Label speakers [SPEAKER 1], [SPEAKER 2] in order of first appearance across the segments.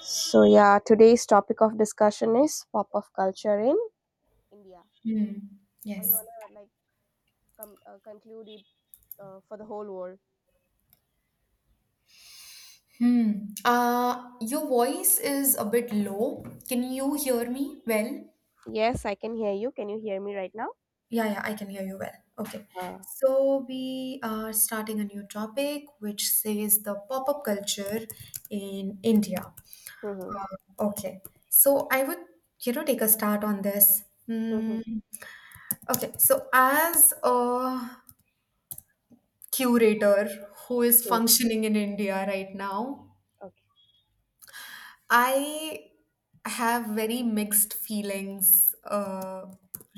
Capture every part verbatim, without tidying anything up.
[SPEAKER 1] So yeah, today's topic of discussion is pop of culture in India.
[SPEAKER 2] Hmm.
[SPEAKER 1] Or you
[SPEAKER 2] Yes.
[SPEAKER 1] wanna like com- uh, conclude it uh, for the whole world?
[SPEAKER 2] Hmm. Uh, your voice is a bit low. Can you hear me well?
[SPEAKER 1] Yes, I can hear you. Can you hear me right now?
[SPEAKER 2] Yeah, yeah, I can hear you well. Okay.
[SPEAKER 1] Uh,
[SPEAKER 2] So we are starting a new topic which says the pop-up culture in India.
[SPEAKER 1] hmm.
[SPEAKER 2] Uh, okay. So I would, you know, take a start on this.
[SPEAKER 1] Hmm.
[SPEAKER 2] Hmm. Okay. So as a curator who is
[SPEAKER 1] Hmm.
[SPEAKER 2] functioning in India right now,
[SPEAKER 1] Okay.
[SPEAKER 2] I have very mixed feelings uh,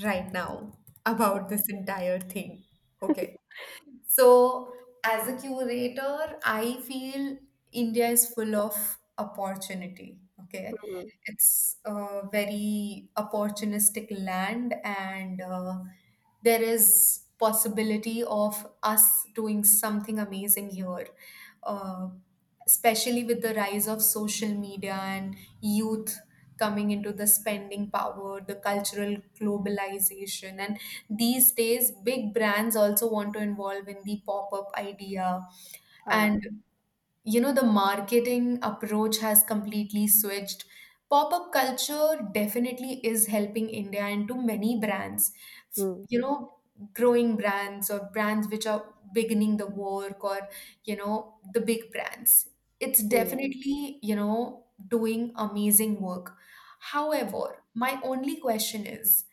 [SPEAKER 2] right now about this entire thing. Okay. So, as a curator, I feel India is full of opportunity. Okay.
[SPEAKER 1] Mm-hmm.
[SPEAKER 2] It's a very opportunistic land, and uh, there is possibility of us doing something amazing here. Uh, Especially with the rise of social media and youth coming into the spending power, the cultural globalization, and these days big brands also want to involve in the pop-up idea,
[SPEAKER 1] Uh,
[SPEAKER 2] and you know the marketing approach has completely switched. Pop-up culture definitely is helping India and to many brands. F-
[SPEAKER 1] mm.
[SPEAKER 2] you know Growing brands or brands which are beginning the work, or you know the big brands, it's
[SPEAKER 1] Mm.
[SPEAKER 2] definitely you know doing amazing work. However, my only question is,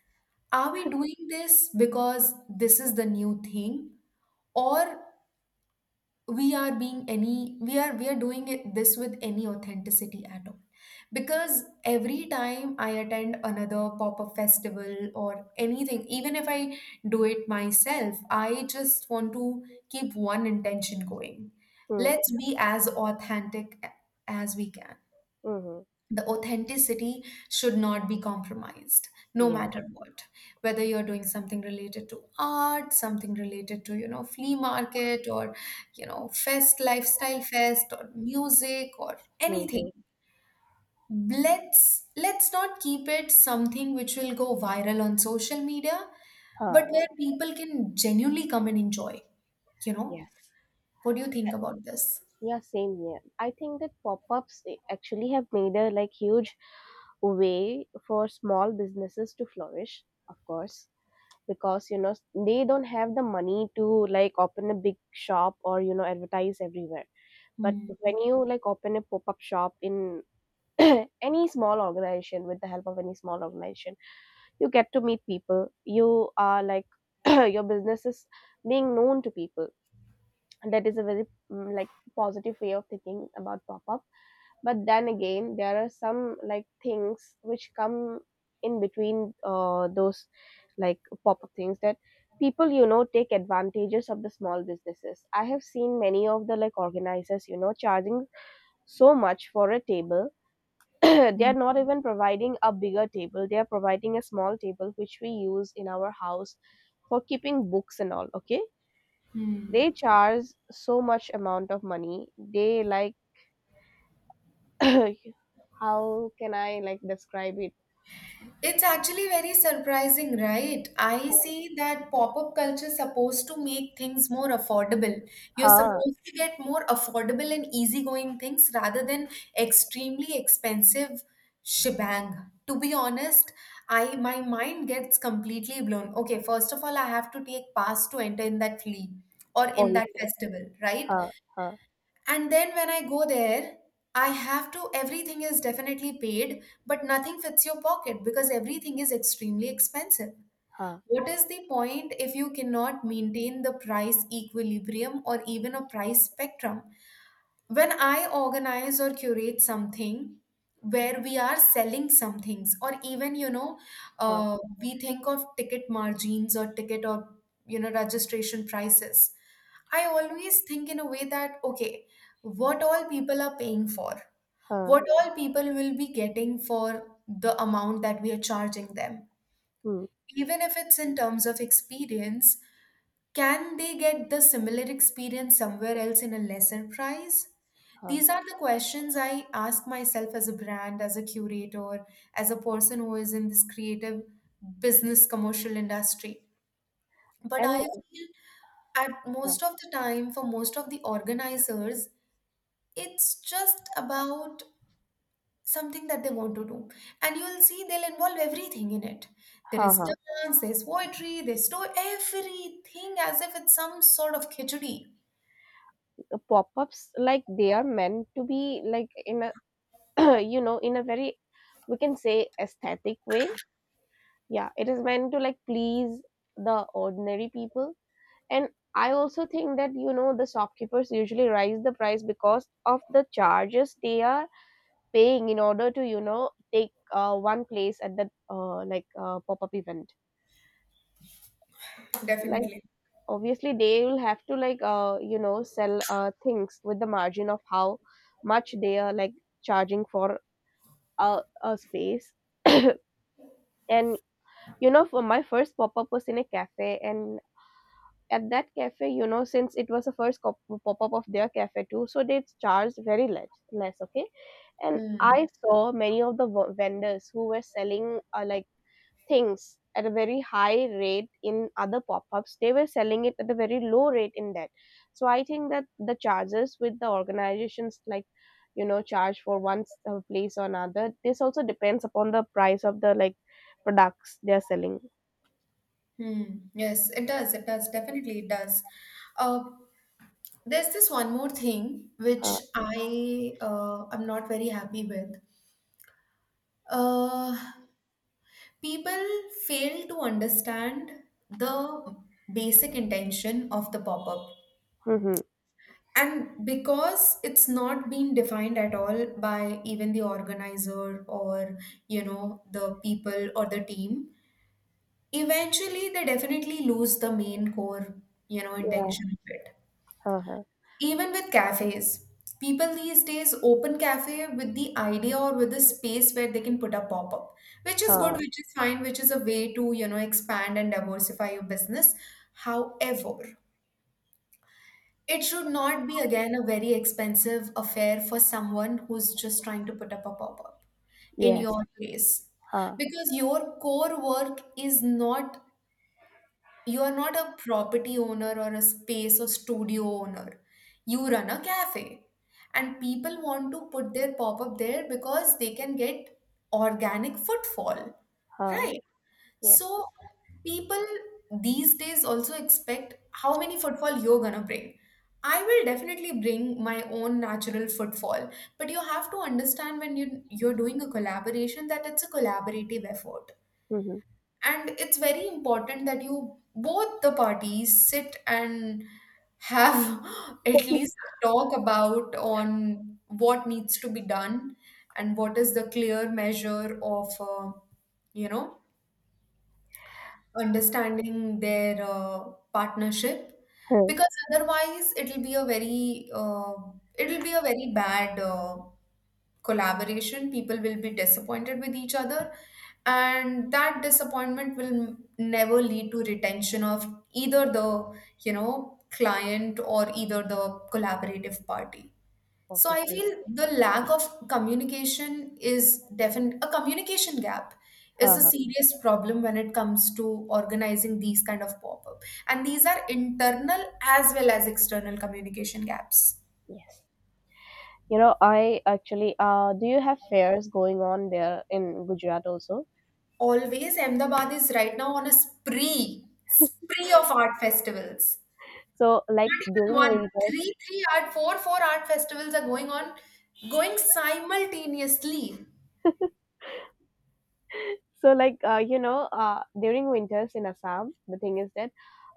[SPEAKER 2] are we doing this because this is the new thing, or we are being any we are we are doing it this with any authenticity at all? Because every time I attend another pop-up festival or anything, even if I do it myself, I just want to keep one intention going.
[SPEAKER 1] Mm.
[SPEAKER 2] Let's be as authentic a- as we can.
[SPEAKER 1] Mm,
[SPEAKER 2] The authenticity should not be compromised, no
[SPEAKER 1] yes.
[SPEAKER 2] matter what, whether you're doing something related to art, something related to you know flea market, or you know fest, lifestyle fest, or music or
[SPEAKER 1] Mm-hmm.
[SPEAKER 2] anything. Let's let's not keep it something which will go viral on social media,
[SPEAKER 1] Uh,
[SPEAKER 2] but where people can genuinely come and enjoy you know
[SPEAKER 1] yes.
[SPEAKER 2] what do you think about this?
[SPEAKER 1] Yeah, same here. I think that pop-ups eh, actually have made a like huge way for small businesses to flourish, of course. Because you know s- they don't have the money to like open a big shop or, you know, advertise everywhere. But
[SPEAKER 2] Hmm.
[SPEAKER 1] when you like open a pop-up shop in any small organization, with the help of any small organization, you get to meet people. You are like your business is being known to people. That is a very mm, like positive way of thinking about pop-up. But then again, there are some like things which come in between uh, those like pop-up things, that people, you know, take advantages of the small businesses. I have seen many of the like organizers, you know, charging so much for a table. They
[SPEAKER 2] Hmm.
[SPEAKER 1] are not even providing a bigger table, they are providing a small table which we use in our house for keeping books and all. Okay, they charge so much amount of money. They like how can I like describe it?
[SPEAKER 2] It's actually very surprising, right? I see that pop-up culture is supposed to make things more affordable. You're
[SPEAKER 1] Huh.
[SPEAKER 2] supposed to get more affordable and easygoing things rather than extremely expensive shebang. To be honest, I my mind gets completely blown. Okay, first of all, I have to take pass to enter in that flea or in that
[SPEAKER 1] Obviously.
[SPEAKER 2] festival, right?
[SPEAKER 1] Huh. Huh.
[SPEAKER 2] And then when I go there, I have to, everything is definitely paid, but nothing fits your pocket because everything is extremely expensive.
[SPEAKER 1] Huh.
[SPEAKER 2] What is the point if you cannot maintain the price equilibrium or even a price spectrum? When I organize or curate something where we are selling some things, or even, you know,
[SPEAKER 1] Huh.
[SPEAKER 2] uh, we think of ticket margins or ticket or, you know, registration prices, I always think in a way that, okay, what all people are paying for,
[SPEAKER 1] Huh.
[SPEAKER 2] what all people will be getting for the amount that we are charging them.
[SPEAKER 1] Hmm.
[SPEAKER 2] Even if it's in terms of experience, can they get the similar experience somewhere else in a lesser price?
[SPEAKER 1] Huh.
[SPEAKER 2] These are the questions I ask myself as a brand, as a curator, as a person who is in this creative business commercial industry. But I
[SPEAKER 1] And
[SPEAKER 2] feel at
[SPEAKER 1] huh.
[SPEAKER 2] most of the time, for most of the organizers, it's just about something that they want to do, and you will see they'll involve everything in it. There
[SPEAKER 1] Huh.
[SPEAKER 2] is
[SPEAKER 1] Huh.
[SPEAKER 2] dance, there's poetry, they store everything as if it's some sort of khichdi.
[SPEAKER 1] The pop-ups, like, they are meant to be like in a you know, in a very, we can say, aesthetic way. Yeah, it is meant to like please the ordinary people. And I also think that, you know, the shopkeepers usually raise the price because of the charges they are paying in order to, you know, take uh, one place at the uh, like uh, pop up event. Like,
[SPEAKER 2] Definitely.
[SPEAKER 1] obviously, they will have to like uh, you know, sell uh, things with the margin of how much they are like charging for a, a space. And, you know, for my first pop up was in a cafe, and at that cafe, you know, since it was the first cop- pop-up of their cafe too, so they charged very less less. Okay, and
[SPEAKER 2] Hmm.
[SPEAKER 1] I saw many of the v- vendors who were selling uh, like things at a very high rate. In other pop-ups, they were selling it at a very low rate in that. So I think that the charges with the organizations, like, you know, charge for one s- uh, place or another, this also depends upon the price of the like products they are selling.
[SPEAKER 2] Hmm. Yes, it does. It does. Definitely, it does. Uh, there's this one more thing
[SPEAKER 1] uh,
[SPEAKER 2] which I uh, am not very happy with. Uh, People fail to understand the basic intention of the pop-up.
[SPEAKER 1] mm-hmm.
[SPEAKER 2] And because it's not been defined at all by even the organizer, or, you know, the people or the team, eventually they definitely lose the main core, you know,
[SPEAKER 1] Yeah.
[SPEAKER 2] intention of it.
[SPEAKER 1] Uh-huh.
[SPEAKER 2] Even with cafes, people these days open cafe with the idea or with the space where they can put a pop-up, which is good, which is fine, which is a way to, you know, expand and diversify your business. However, it should not be again a very expensive affair for someone who's just trying to put up a pop up in
[SPEAKER 1] Yes.
[SPEAKER 2] your place.
[SPEAKER 1] Ha
[SPEAKER 2] Because your core work is not, you are not a property owner or a space or studio owner. You run a cafe. And people want to put their pop up there because they can get organic footfall,
[SPEAKER 1] ha.
[SPEAKER 2] right?
[SPEAKER 1] Yes.
[SPEAKER 2] So people these days also expect how many footfall you're gonna bring. I will definitely bring my own natural footfall, but you have to understand when you you're doing a collaboration that it's a collaborative effort.
[SPEAKER 1] Mm-hmm.
[SPEAKER 2] And it's very important that you both the parties sit and have at least a talk about on what needs to be done and what is the clear measure of uh, you know understanding their uh, partnership,
[SPEAKER 1] Huh.
[SPEAKER 2] because otherwise it'll be a very uh, it'll be a very bad uh, collaboration. People will be disappointed with each other, and that disappointment will m- never lead to retention of either the you know client or either the collaborative party. So I
[SPEAKER 1] Obviously.
[SPEAKER 2] feel the lack of communication is definite, a communication gap is
[SPEAKER 1] Ha
[SPEAKER 2] a
[SPEAKER 1] ha.
[SPEAKER 2] serious problem when it comes to organizing these kind of pop-up. And these are internal as well as external communication gaps.
[SPEAKER 1] Yes. You know, I actually. Uh, do you have fairs going on there in Gujarat also?
[SPEAKER 2] Always Ahmedabad is right now on a spree, spree of art festivals.
[SPEAKER 1] So, like during
[SPEAKER 2] Not even one,
[SPEAKER 1] winters.
[SPEAKER 2] three, three art, four, four art festivals are going on, going simultaneously.
[SPEAKER 1] So, like uh, you know, uh, during winters in Assam, the thing is that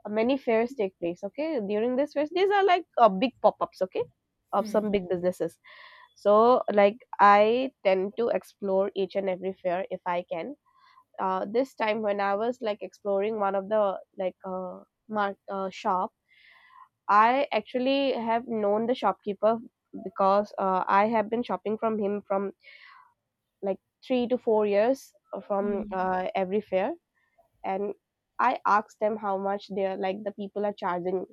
[SPEAKER 1] uh, many fairs take place. Okay, during this fairs, these are like uh, big pop-ups. Okay, of some big businesses. So, like I tend to explore each and every fair if I can. Uh, this time when I was like exploring one of the like uh, mark uh, shop, I actually have known the shopkeeper because uh, I have been shopping from him from like three to four years uh, from
[SPEAKER 2] Hmm.
[SPEAKER 1] uh, every fair, and I asked them how much they're like the people are charging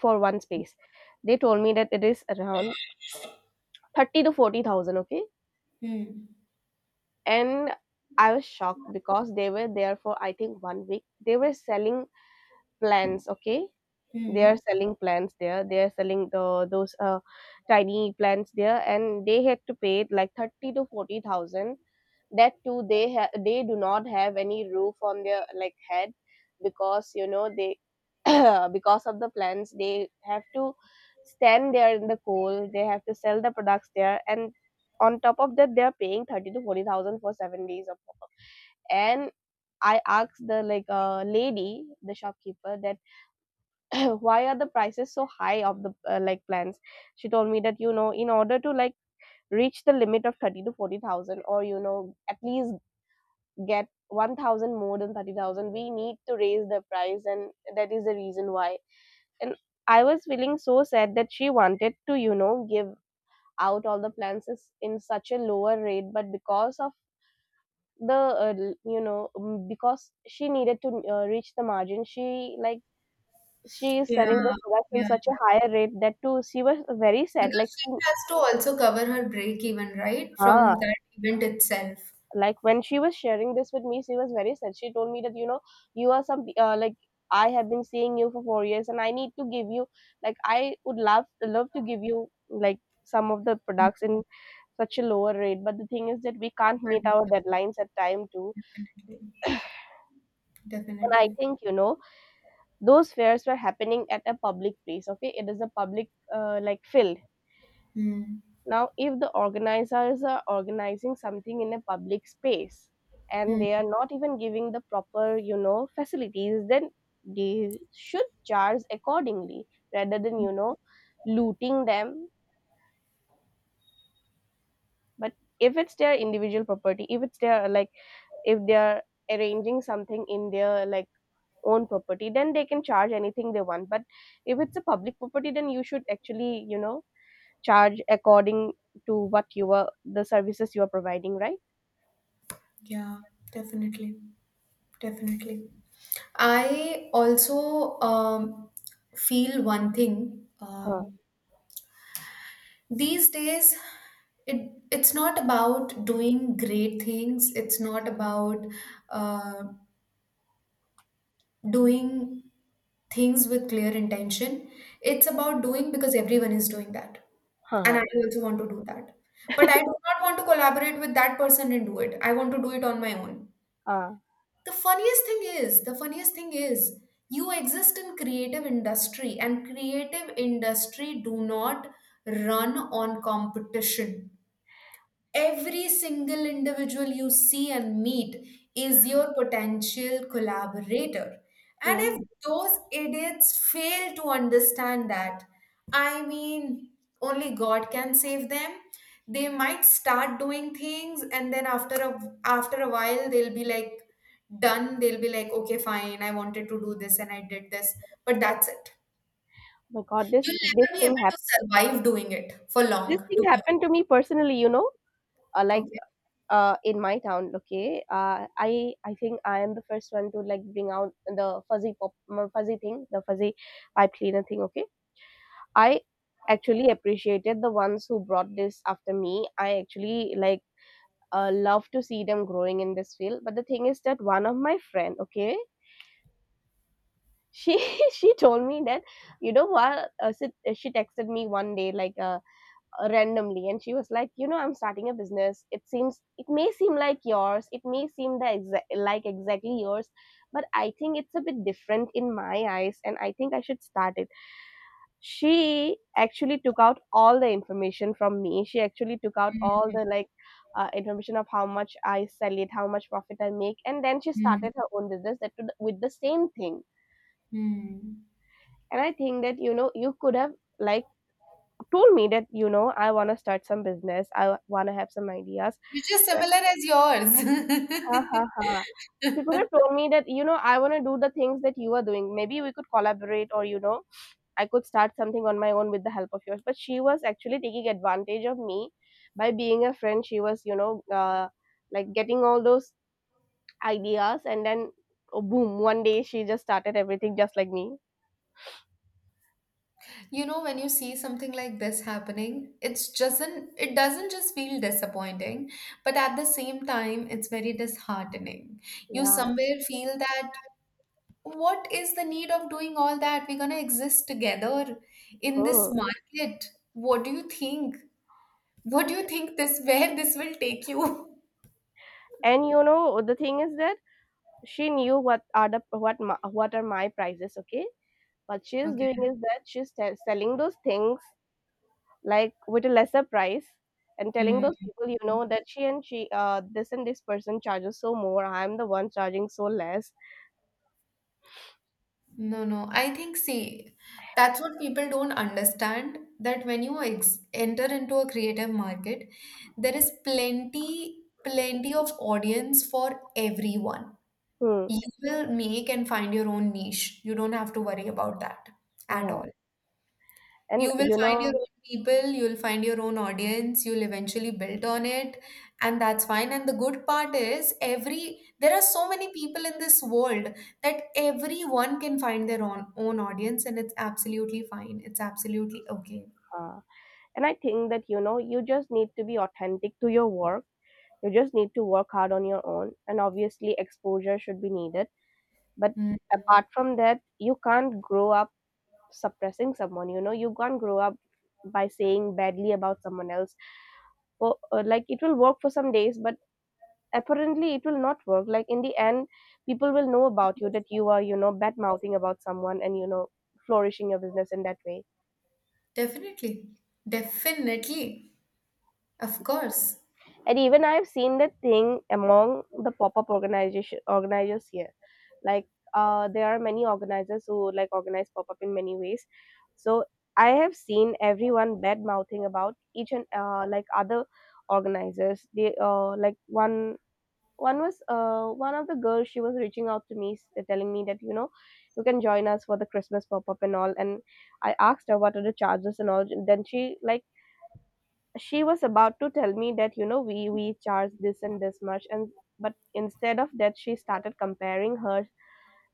[SPEAKER 1] for one space. They told me that it is around thirty to forty thousand. Okay,
[SPEAKER 2] Hmm.
[SPEAKER 1] and I was shocked because they were there for I think one week. They were selling plants. Okay, they are
[SPEAKER 2] Hmm.
[SPEAKER 1] selling plants there, they are selling the those uh, tiny plants there, and they had to pay it like thirty to forty thousand. That too, they ha- they do not have any roof on their like head, because you know they because of the plants they have to stand there in the cold. They have to sell the products there, and on top of that, they are paying thirty to forty thousand for seven days of work. And I asked the like uh, lady, the shopkeeper, that, "So why are the prices so high of the uh, like plans?" She told me that, you know, in order to like reach the limit of thirty to forty thousand, or you know, at least get one thousand more than thirty thousand, we need to raise the price, and that is the reason why. And I was feeling so sad that she wanted to, you know, give out all the plans is- in such a lower rate, but because of the uh, l- you know, mm, because she needed to uh, reach the margin, she like, she is
[SPEAKER 2] Yeah.
[SPEAKER 1] selling the products in
[SPEAKER 2] Yeah.
[SPEAKER 1] such a higher rate. That too, she was very sad like
[SPEAKER 2] Because she
[SPEAKER 1] mm,
[SPEAKER 2] has to also cover her break even, right?
[SPEAKER 1] ah,
[SPEAKER 2] From that event itself.
[SPEAKER 1] like when she was sharing this with me, she was very sad. She told me that, you know, you are some uh, like, I have been seeing you for four years and I need to give you like, I would love love to give you like some of the products in such a lower rate, but the thing is that we can't meet our
[SPEAKER 2] But
[SPEAKER 1] deadlines at time too.
[SPEAKER 2] definitely.
[SPEAKER 1] And I
[SPEAKER 2] Definitely.
[SPEAKER 1] think, you know, those fairs were happening at a public place. Okay, it is a public uh, like field.
[SPEAKER 2] Hmm.
[SPEAKER 1] Now, if the organizers are organizing something in a public space and
[SPEAKER 2] Hmm.
[SPEAKER 1] they are not even giving the proper, you know, facilities, then they should charge accordingly rather than, you know, looting them. But if it's their individual property, if it's their like, if they are arranging something in their like own property, then they can charge anything they want. But if it's a public property, then you should actually, you know, charge according to what you are the services you are providing, right?
[SPEAKER 2] Yeah, definitely. Definitely. I also um, feel one thing.
[SPEAKER 1] Huh.
[SPEAKER 2] Um, these days, it it's not about doing great things. It's not about uh, doing things with clear intention. It's about doing because everyone is doing that. And
[SPEAKER 1] Uh-huh.
[SPEAKER 2] I also want to do that. But I do not want to collaborate with that person and do it. I want to do it on my own.
[SPEAKER 1] Uh,
[SPEAKER 2] The funniest thing is, the funniest thing is, you exist in creative industry and creative industry do not run on competition. Every single individual you see and meet is your potential collaborator. And
[SPEAKER 1] yeah.
[SPEAKER 2] if those idiots fail to understand that, I mean, only God can save them. They might start doing things, and then after a after a while, they'll be like done. They'll be like, okay, fine, I wanted to do this and I did this, but that's it.
[SPEAKER 1] My God, this
[SPEAKER 2] You'll
[SPEAKER 1] this
[SPEAKER 2] never be able
[SPEAKER 1] thing
[SPEAKER 2] to
[SPEAKER 1] happened.
[SPEAKER 2] survive doing it for
[SPEAKER 1] This
[SPEAKER 2] long,
[SPEAKER 1] thing
[SPEAKER 2] to be honest.
[SPEAKER 1] happened to me personally. You know, uh, like
[SPEAKER 2] Okay.
[SPEAKER 1] uh, in my town. Okay. Uh, I I think I am the first one to like bring out the fuzzy pop m- fuzzy thing, the fuzzy pipe cleaner thing. Okay. I actually appreciated the ones who brought this after me. I actually like uh, love to see them growing in this field. But the thing is that one of my friend. Okay. She she told me that, you know what, uh, she, she texted me one day like uh, uh, randomly, and she was like, you know, I'm starting a business. It seems, it may seem like yours, it may seem the exa- like exactly yours, but I think it's a bit different in my eyes and I think I should start it. She actually took out all the information from me. She actually took out all the like uh, information of how much I sell it, how much profit I make, and then she
[SPEAKER 2] Hmm.
[SPEAKER 1] started her own business that would- with the same thing.
[SPEAKER 2] Hmm.
[SPEAKER 1] And I think that, you know, you could have like told me that, you know, I want to start some business, I want to have some ideas.
[SPEAKER 2] Which is similar as yours.
[SPEAKER 1] Ha ha ha. She could have told me that, you know, I want to do the things that you are doing. Maybe we could collaborate, or, you know, I could start something on my own with the help of yours. But she was actually taking advantage of me by being a friend. She was, you know, uh, like getting all those ideas, and then oh, boom, one day she just started everything just like me.
[SPEAKER 2] You know, when you see something like this happening, it's just an, it doesn't just feel disappointing, but at the same time, it's very disheartening. You
[SPEAKER 1] Yeah.
[SPEAKER 2] somewhere feel that what is the need of doing all that? We're gonna exist together in this
[SPEAKER 1] Hmm.
[SPEAKER 2] market. What do you think? What do you think this, where this will take you?
[SPEAKER 1] And you know the thing is that she knew what are the what my, what are my prices, okay? What she is doing
[SPEAKER 2] Okay.
[SPEAKER 1] is that she's te- selling those things like with a lesser price, and telling
[SPEAKER 2] Hmm.
[SPEAKER 1] those people, you know, that she and she uh this and this person charges so more, I'm the one charging so less.
[SPEAKER 2] No, no. I think, see, that's what people don't understand, that when you ex enter into a creative market, there is plenty, plenty of audience for everyone.
[SPEAKER 1] Hmm.
[SPEAKER 2] You will make and find your own niche. You don't have to worry about that at
[SPEAKER 1] Yeah.
[SPEAKER 2] all.
[SPEAKER 1] and
[SPEAKER 2] You will
[SPEAKER 1] you
[SPEAKER 2] find your
[SPEAKER 1] know
[SPEAKER 2] own people, you'll find your own audience, you'll eventually build on it, and that's fine. And the good part is every there are so many people in this world that everyone can find their own own audience, and it's absolutely fine. It's absolutely okay.
[SPEAKER 1] uh, and I think that you know you just need to be authentic to your work. You just need to work hard on your own, and obviously exposure should be needed, but
[SPEAKER 2] Mm.
[SPEAKER 1] apart from that, you can't grow up suppressing someone. you know you can't grow up by saying badly about someone else for uh, like, it will work for some days, but apparently it will not work, like, in the end people will know about you that you are, you know bad mouthing about someone and you know flourishing your business in that way.
[SPEAKER 2] Definitely. Definitely. Of course.
[SPEAKER 1] And even I've seen that thing among the pop-up organization organizers here, like, uh, there are many organizers who, like, organize pop-up in many ways. So I have seen everyone bad mouthing about each and uh, like, other organizers. They, uh, like, one one was, uh, one of the girls, she was reaching out to me, s- telling me that, you know you can join us for the Christmas pop-up and all. And I asked her what are the charges and all. Then she, like, she was about to tell me that, you know we we charge this and this much, and but instead of that, she started comparing her,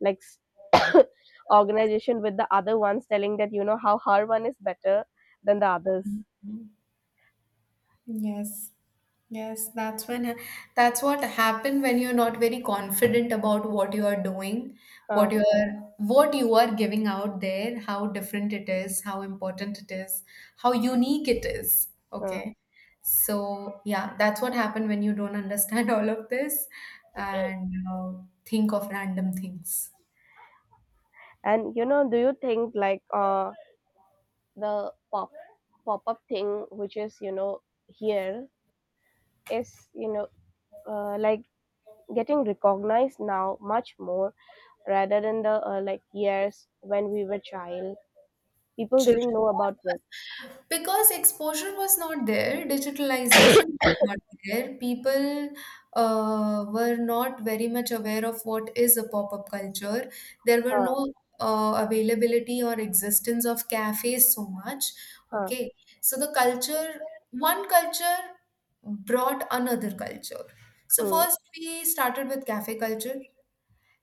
[SPEAKER 1] like, s- organization with the other ones, telling that you know how her one is better than the others.
[SPEAKER 2] Yes. Yes, that's when uh, that's what happen when you're not very confident about what you are doing,
[SPEAKER 1] uh,
[SPEAKER 2] what you are what you are giving out there, how different it is, how important it is, how unique it is.
[SPEAKER 1] uh.
[SPEAKER 2] Okay. So, yeah, that's what happened when you don't understand all of this and uh, think of random things.
[SPEAKER 1] And you know do you think like, uh, the pop pop-up thing which is, you know here, is, you know uh, like, getting recognized now much more rather than the, uh, like, years when we were child, people didn't
[SPEAKER 2] Children,
[SPEAKER 1] know about it.
[SPEAKER 2] because exposure was not there, digitalization was not there. People uh, were not very much aware of what is a pop-up culture. There were
[SPEAKER 1] Huh.
[SPEAKER 2] no uh, availability or existence of cafes so much.
[SPEAKER 1] Huh.
[SPEAKER 2] Okay, so the culture, one culture brought another culture. So
[SPEAKER 1] Hmm,
[SPEAKER 2] first we started with cafe culture.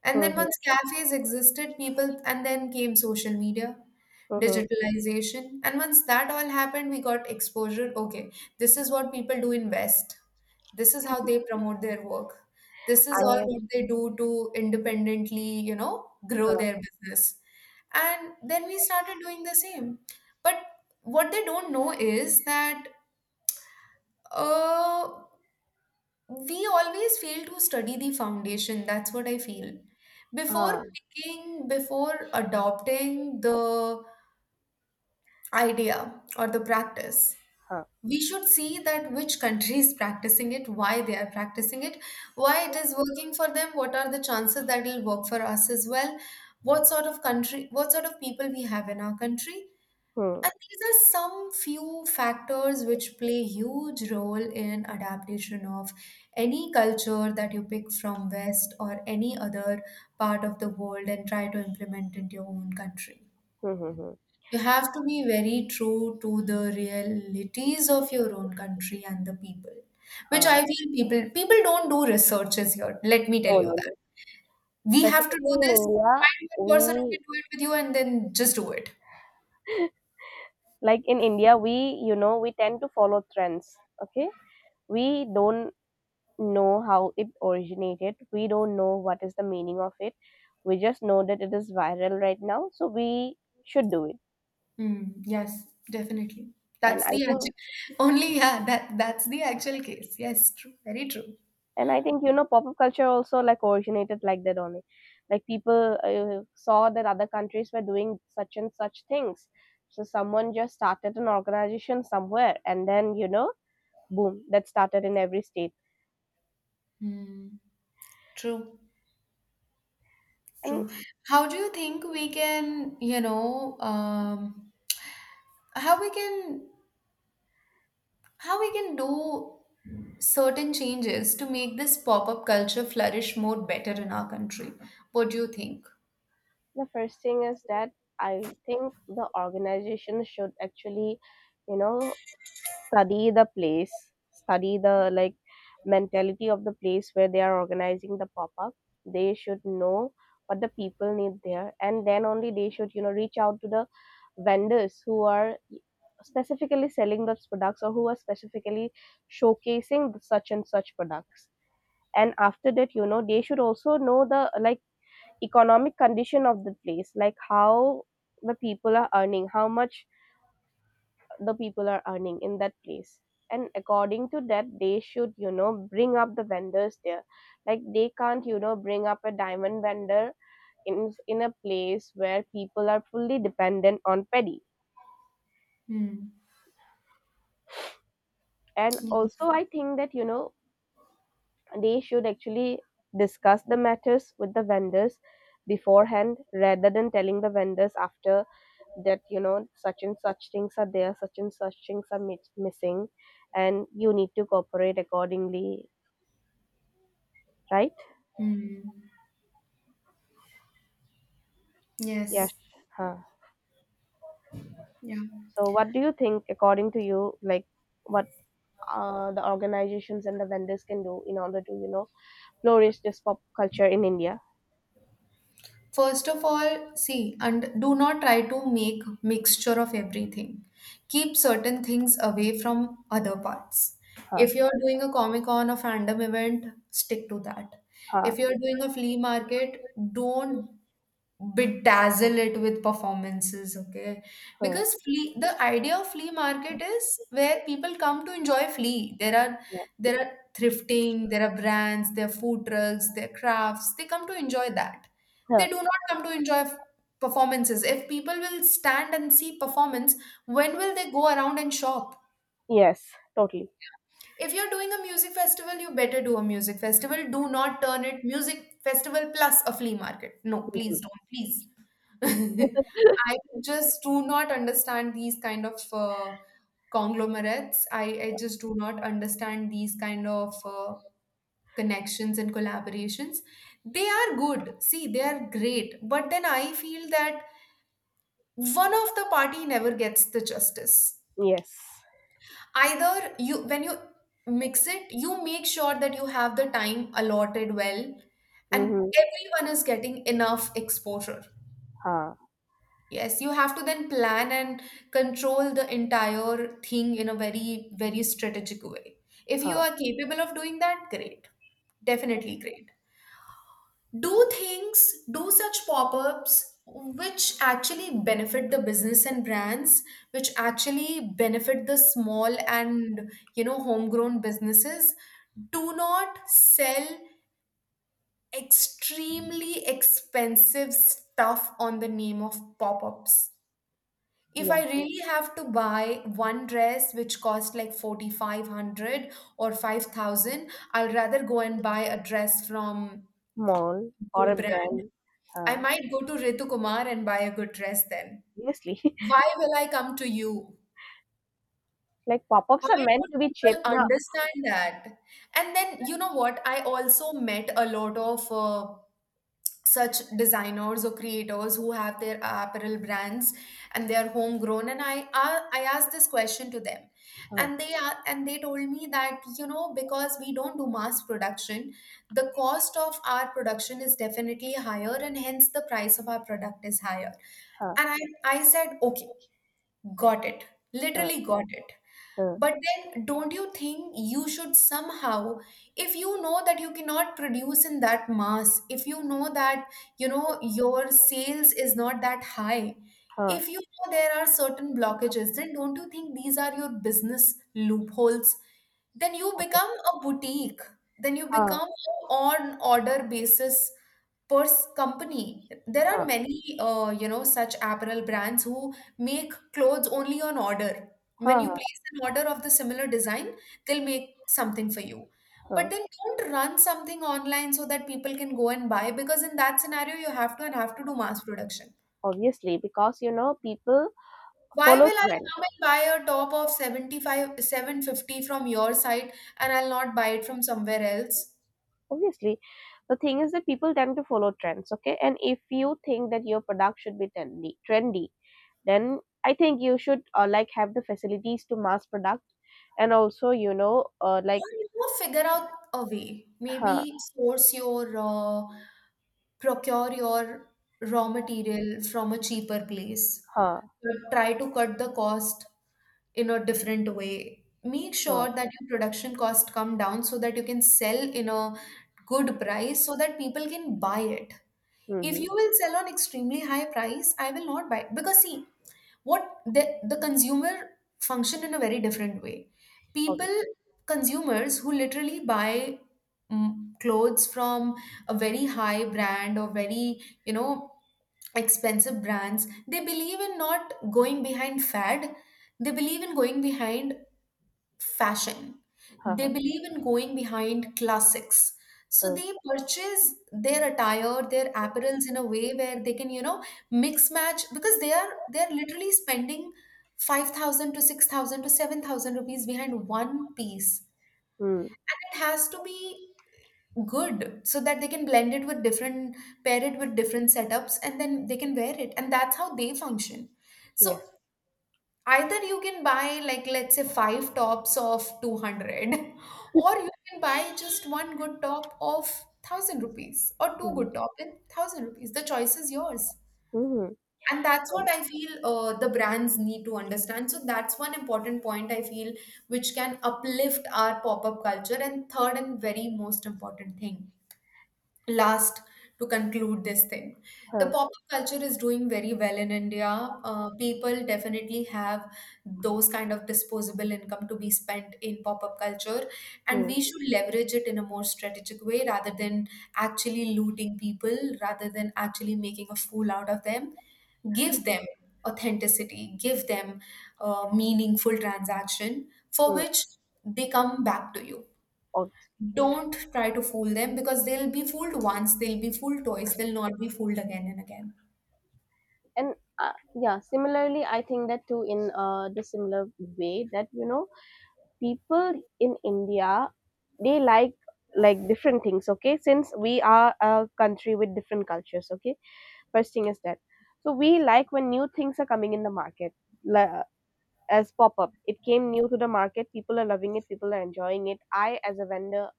[SPEAKER 2] And
[SPEAKER 1] hmm,
[SPEAKER 2] then once
[SPEAKER 1] hmm,
[SPEAKER 2] cafes existed, people, and then came social media,
[SPEAKER 1] hmm, hmm.
[SPEAKER 2] digitalization. And once that all happened, we got exposure. Okay, this is what people do in West. This is how they promote their work. This is all
[SPEAKER 1] I.
[SPEAKER 2] what they do to independently, you know,
[SPEAKER 1] Huh,
[SPEAKER 2] grow their business. And then we started doing the same. But what they don't know is that uh, we always fail to study the foundation. That's what I feel before
[SPEAKER 1] huh,
[SPEAKER 2] picking, before adopting the idea or the practice,
[SPEAKER 1] huh.
[SPEAKER 2] we should see that which country is practicing it, why they are practicing it, why it is working for them, what are the chances that it will work for us as well, what sort of country, what sort of people we have in our country.
[SPEAKER 1] Hmm,
[SPEAKER 2] And these are some few factors which play huge role in adaptation of any culture that you pick from West or any other part of the world and try to implement into your own country.
[SPEAKER 1] hmm, hmm, hmm, hmm.
[SPEAKER 2] You have to be very true to the realities of your own country and the people, which
[SPEAKER 1] Huh.
[SPEAKER 2] I feel people people don't do researches here. Let me tell
[SPEAKER 1] No, no,
[SPEAKER 2] you that.
[SPEAKER 1] no,
[SPEAKER 2] We
[SPEAKER 1] specifically
[SPEAKER 2] have to do
[SPEAKER 1] in
[SPEAKER 2] this.
[SPEAKER 1] India,
[SPEAKER 2] Find one person who
[SPEAKER 1] we,
[SPEAKER 2] can do it with you and then just do it.
[SPEAKER 1] like in India, we, you know we tend to follow trends. Okay, we don't know how it originated. We don't know what is the meaning of it. We just know that it is viral right now, so we should do it.
[SPEAKER 2] Mm, yes, definitely.
[SPEAKER 1] And
[SPEAKER 2] That's
[SPEAKER 1] I
[SPEAKER 2] the
[SPEAKER 1] think,
[SPEAKER 2] actual, only, yeah, that that's the actual case. Yes, true, very true.
[SPEAKER 1] and I think you know, pop-up culture also, like, originated like that only. Like, people uh, saw that other countries were doing such and such things, so someone just started an organization somewhere, and then you know, boom, that started in every state.
[SPEAKER 2] Mm, true,
[SPEAKER 1] And
[SPEAKER 2] true. How do you think we can, you know, um, how we can, how we can do certain changes to make this pop-up culture flourish more better in our country? What do you think?
[SPEAKER 1] the first thing is that I think the organization should actually, you know, study the place, study the, like, mentality of the place where they are organizing the pop up. They should know what the people need there, and then only they should, you know, reach out to the vendors who are specifically selling those products or who are specifically showcasing such and such products. And after that, you know they should also know the, like, economic condition of the place, like how the people are earning, how much the people are earning in that place. And according to that, they should, you know bring up the vendors there. Like, they can't, you know bring up a diamond vendor in in a place where people are fully dependent on petty.
[SPEAKER 2] Hmm,
[SPEAKER 1] And also
[SPEAKER 2] yes.
[SPEAKER 1] I think that you know they should actually discuss the matters with the vendors beforehand, rather than telling the vendors after that, you know such and such things are there, such and such things are mi- missing, and you need to cooperate accordingly, right?
[SPEAKER 2] Mm,
[SPEAKER 1] Yes.
[SPEAKER 2] yes.
[SPEAKER 1] Huh.
[SPEAKER 2] Yeah.
[SPEAKER 1] So what do you think, according to you, like, what uh, the organizations and the vendors can do in order to, you know flourish this pop culture in India?
[SPEAKER 2] First of all, see and do not try to make mixture of everything. Keep certain things away from other parts.
[SPEAKER 1] Huh.
[SPEAKER 2] If you're doing a Comic Con or fandom event, stick to that.
[SPEAKER 1] Huh.
[SPEAKER 2] If you're doing a flea market, don't bedazzle it with performances, okay?
[SPEAKER 1] Huh.
[SPEAKER 2] Because flea, the idea of flea market is where people come to enjoy flea. There are,
[SPEAKER 1] Huh.
[SPEAKER 2] there are thrifting, there are brands, there are food trucks, there are crafts. They come to enjoy that. They
[SPEAKER 1] Huh.
[SPEAKER 2] do not come to enjoy f- performances. If people will stand and see performance, when will they go around and shop?
[SPEAKER 1] Yes, totally.
[SPEAKER 2] If you're doing a music festival, you better do a music festival. Do not turn it music festival plus a flea market. No,
[SPEAKER 1] Mhm.
[SPEAKER 2] please don't, please. I just do not understand these kind of uh, conglomerates. I, I just do not understand these kind of uh, connections and collaborations. They are good. See, they are great. But then I feel that one of the party never gets the justice.
[SPEAKER 1] Yes.
[SPEAKER 2] Either you, when you mix it, you make sure that you have the time allotted well and
[SPEAKER 1] Mm-hmm.
[SPEAKER 2] everyone is getting enough exposure.
[SPEAKER 1] Huh.
[SPEAKER 2] Yes, you have to then plan and control the entire thing in a very, very strategic way. If you
[SPEAKER 1] Huh.
[SPEAKER 2] are capable of doing that, great. Definitely great. Do things, do such pop ups which actually benefit the business and brands, which actually benefit the small and, you know, homegrown businesses. Do not sell extremely expensive stuff on the name of pop ups. If
[SPEAKER 1] Yeah,
[SPEAKER 2] I really have to buy one dress which cost like forty-five hundred or five thousand, I'll rather go and buy a dress from
[SPEAKER 1] mall or a
[SPEAKER 2] good brand.
[SPEAKER 1] brand.
[SPEAKER 2] I
[SPEAKER 1] Huh.
[SPEAKER 2] might go to Ritu Kumar and buy a good dress then.
[SPEAKER 1] Obviously.
[SPEAKER 2] Why will I come to you?
[SPEAKER 1] Like, pop-ups
[SPEAKER 2] Why
[SPEAKER 1] are meant
[SPEAKER 2] don't
[SPEAKER 1] to be cheap
[SPEAKER 2] people
[SPEAKER 1] now.
[SPEAKER 2] understand that? And then, you know what? I also met a lot of uh, such designers or creators who have their apparel brands, and they are homegrown, and I, I i asked this question to them,
[SPEAKER 1] Huh,
[SPEAKER 2] and they are and they told me that, you know, because we don't do mass production, the cost of our production is definitely higher and hence the price of our product is higher.
[SPEAKER 1] huh,
[SPEAKER 2] And i i said, okay, got it,
[SPEAKER 1] huh,
[SPEAKER 2] literally got it.
[SPEAKER 1] huh,
[SPEAKER 2] But then, don't you think you should somehow, if you know that you cannot produce in that mass, if you know that, you know, your sales is not that high,
[SPEAKER 1] huh.
[SPEAKER 2] if you know there are certain blockages, then don't you think these are your business loopholes? Then you
[SPEAKER 1] Obvious,
[SPEAKER 2] become a boutique, then you
[SPEAKER 1] huh,
[SPEAKER 2] become on order basis pers company. There are
[SPEAKER 1] huh,
[SPEAKER 2] many, uh, you know, such apparel brands who make clothes only on order. When
[SPEAKER 1] huh,
[SPEAKER 2] you
[SPEAKER 1] huh,
[SPEAKER 2] place an order of the similar design, they'll make something for you.
[SPEAKER 1] huh.
[SPEAKER 2] But then don't run something online so that people can go and buy, because in that scenario you have to and have to do mass production.
[SPEAKER 1] Obviously, because you know people
[SPEAKER 2] Why
[SPEAKER 1] follow
[SPEAKER 2] will I
[SPEAKER 1] trend.
[SPEAKER 2] come and buy a top of seventy-five, seven fifty from your site and I'll not buy it from somewhere else?
[SPEAKER 1] Obviously, the thing is that people tend to follow trends. Okay, and if you think that your product should be trendy, trendy, then I think you should, uh, like, have the facilities to mass product, and also you know uh,
[SPEAKER 2] Or
[SPEAKER 1] like,
[SPEAKER 2] you know, figure out a way.
[SPEAKER 1] huh,
[SPEAKER 2] Maybe source your uh, procure your raw material from a cheaper place.
[SPEAKER 1] huh,
[SPEAKER 2] But try to cut the cost in a different way. Make
[SPEAKER 1] huh.
[SPEAKER 2] sure that your production cost come down so that you can sell in a good price so that people can buy it. If
[SPEAKER 1] Mm-hmm.
[SPEAKER 2] you will sell on extremely high price, I will not buy, because see, what the, the consumer function in a very different way. People,
[SPEAKER 1] Obvious,
[SPEAKER 2] consumers who literally buy, mm, clothes from a very high brand or very, you know, expensive brands, they believe in not going behind fad. They believe in going behind fashion.
[SPEAKER 1] huh,
[SPEAKER 2] They
[SPEAKER 1] huh,
[SPEAKER 2] believe in going behind classics. So
[SPEAKER 1] huh.
[SPEAKER 2] they purchase their attire, their apparels in a way where they can, you know, mix match, because they are they're literally spending five thousand to six thousand to seven thousand rupees behind one piece.
[SPEAKER 1] Mm.
[SPEAKER 2] And it has to be good so that they can blend it with different, pair it with different setups, and then they can wear it. And that's how they function.
[SPEAKER 1] Yes.
[SPEAKER 2] So either you can buy, like let's say, five tops of two hundred or you can buy just one good top of one thousand rupees or two
[SPEAKER 1] Mm-hmm.
[SPEAKER 2] good top in one thousand rupees. The choice is yours.
[SPEAKER 1] Mm-hmm.
[SPEAKER 2] And that's what I feel, uh, the brands need to understand. So that's one important point I feel which can uplift our pop-up culture. And third and very most important thing, last, to conclude this thing, the
[SPEAKER 1] Huh.
[SPEAKER 2] pop up culture is doing very well in India. Uh, people definitely have those kind of disposable income to be spent in pop up culture, and we should leverage it in a more strategic way rather than actually looting people, rather than actually making a fool out of them. Give them authenticity, give them uh, meaningful transaction for
[SPEAKER 1] Mm-hmm.
[SPEAKER 2] which they come back to you. Don't try to fool them, because they'll be fooled once, they'll be fooled twice, they'll not be fooled again and again.
[SPEAKER 1] And uh, yeah, similarly I think that too, in uh, the similar way that you know people in India, they like like different things. Okay, since we are a country with different cultures. Okay, first thing is that, so we like when new things are coming in the market, like, as pop-up. It came new to the market. People are loving it. People are enjoying it. I, as a vendor,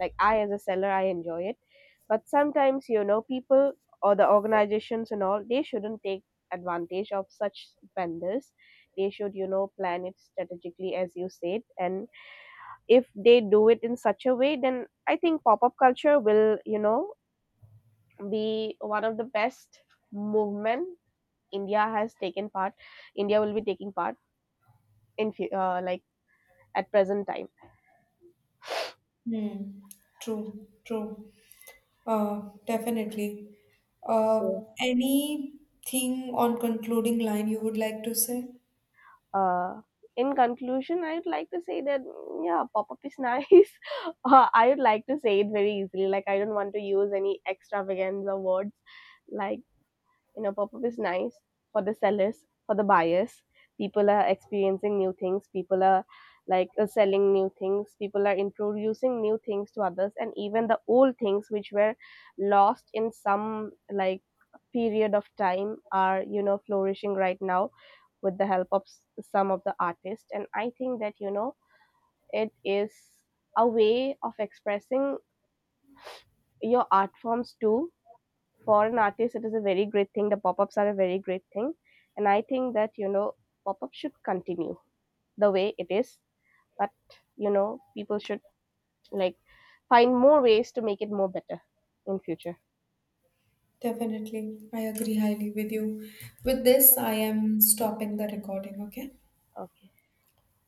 [SPEAKER 1] like I, as a seller, I enjoy it. But sometimes, you know, people or the organizations and all, they shouldn't take advantage of such vendors. They should, you know, plan it strategically, as you said. And if they do it in such a way, then I think pop-up culture will, you know, be one of the best movement India has taken part. India will be taking part in fu- uh, like, at present time.
[SPEAKER 2] Hmm. True, true. Uh, definitely. Uh,
[SPEAKER 1] So,
[SPEAKER 2] anything on concluding line you would like to say?
[SPEAKER 1] uh, in conclusion, I would like to say that mm, yeah, pop up is nice. uh, I would like to say it very easily. Like, I don't want to use any extravaganza words. Like, you know, pop up is nice for the sellers, for the buyers. People are experiencing new things. People are, like, uh, selling new things. People are introducing new things to others, and even the old things which were lost in some, like, period of time are, you know flourishing right now with the help of some of the artists. And I think that you know it is a way of expressing your art forms too. For an artist, it is a very great thing. The pop-ups are a very great thing. And I think that you know pop-up should continue the way it is, but you know people should, like, find more ways to make it more better in future.
[SPEAKER 2] Definitely. I agree highly with you. With this, I am stopping the recording, okay?
[SPEAKER 1] Okay.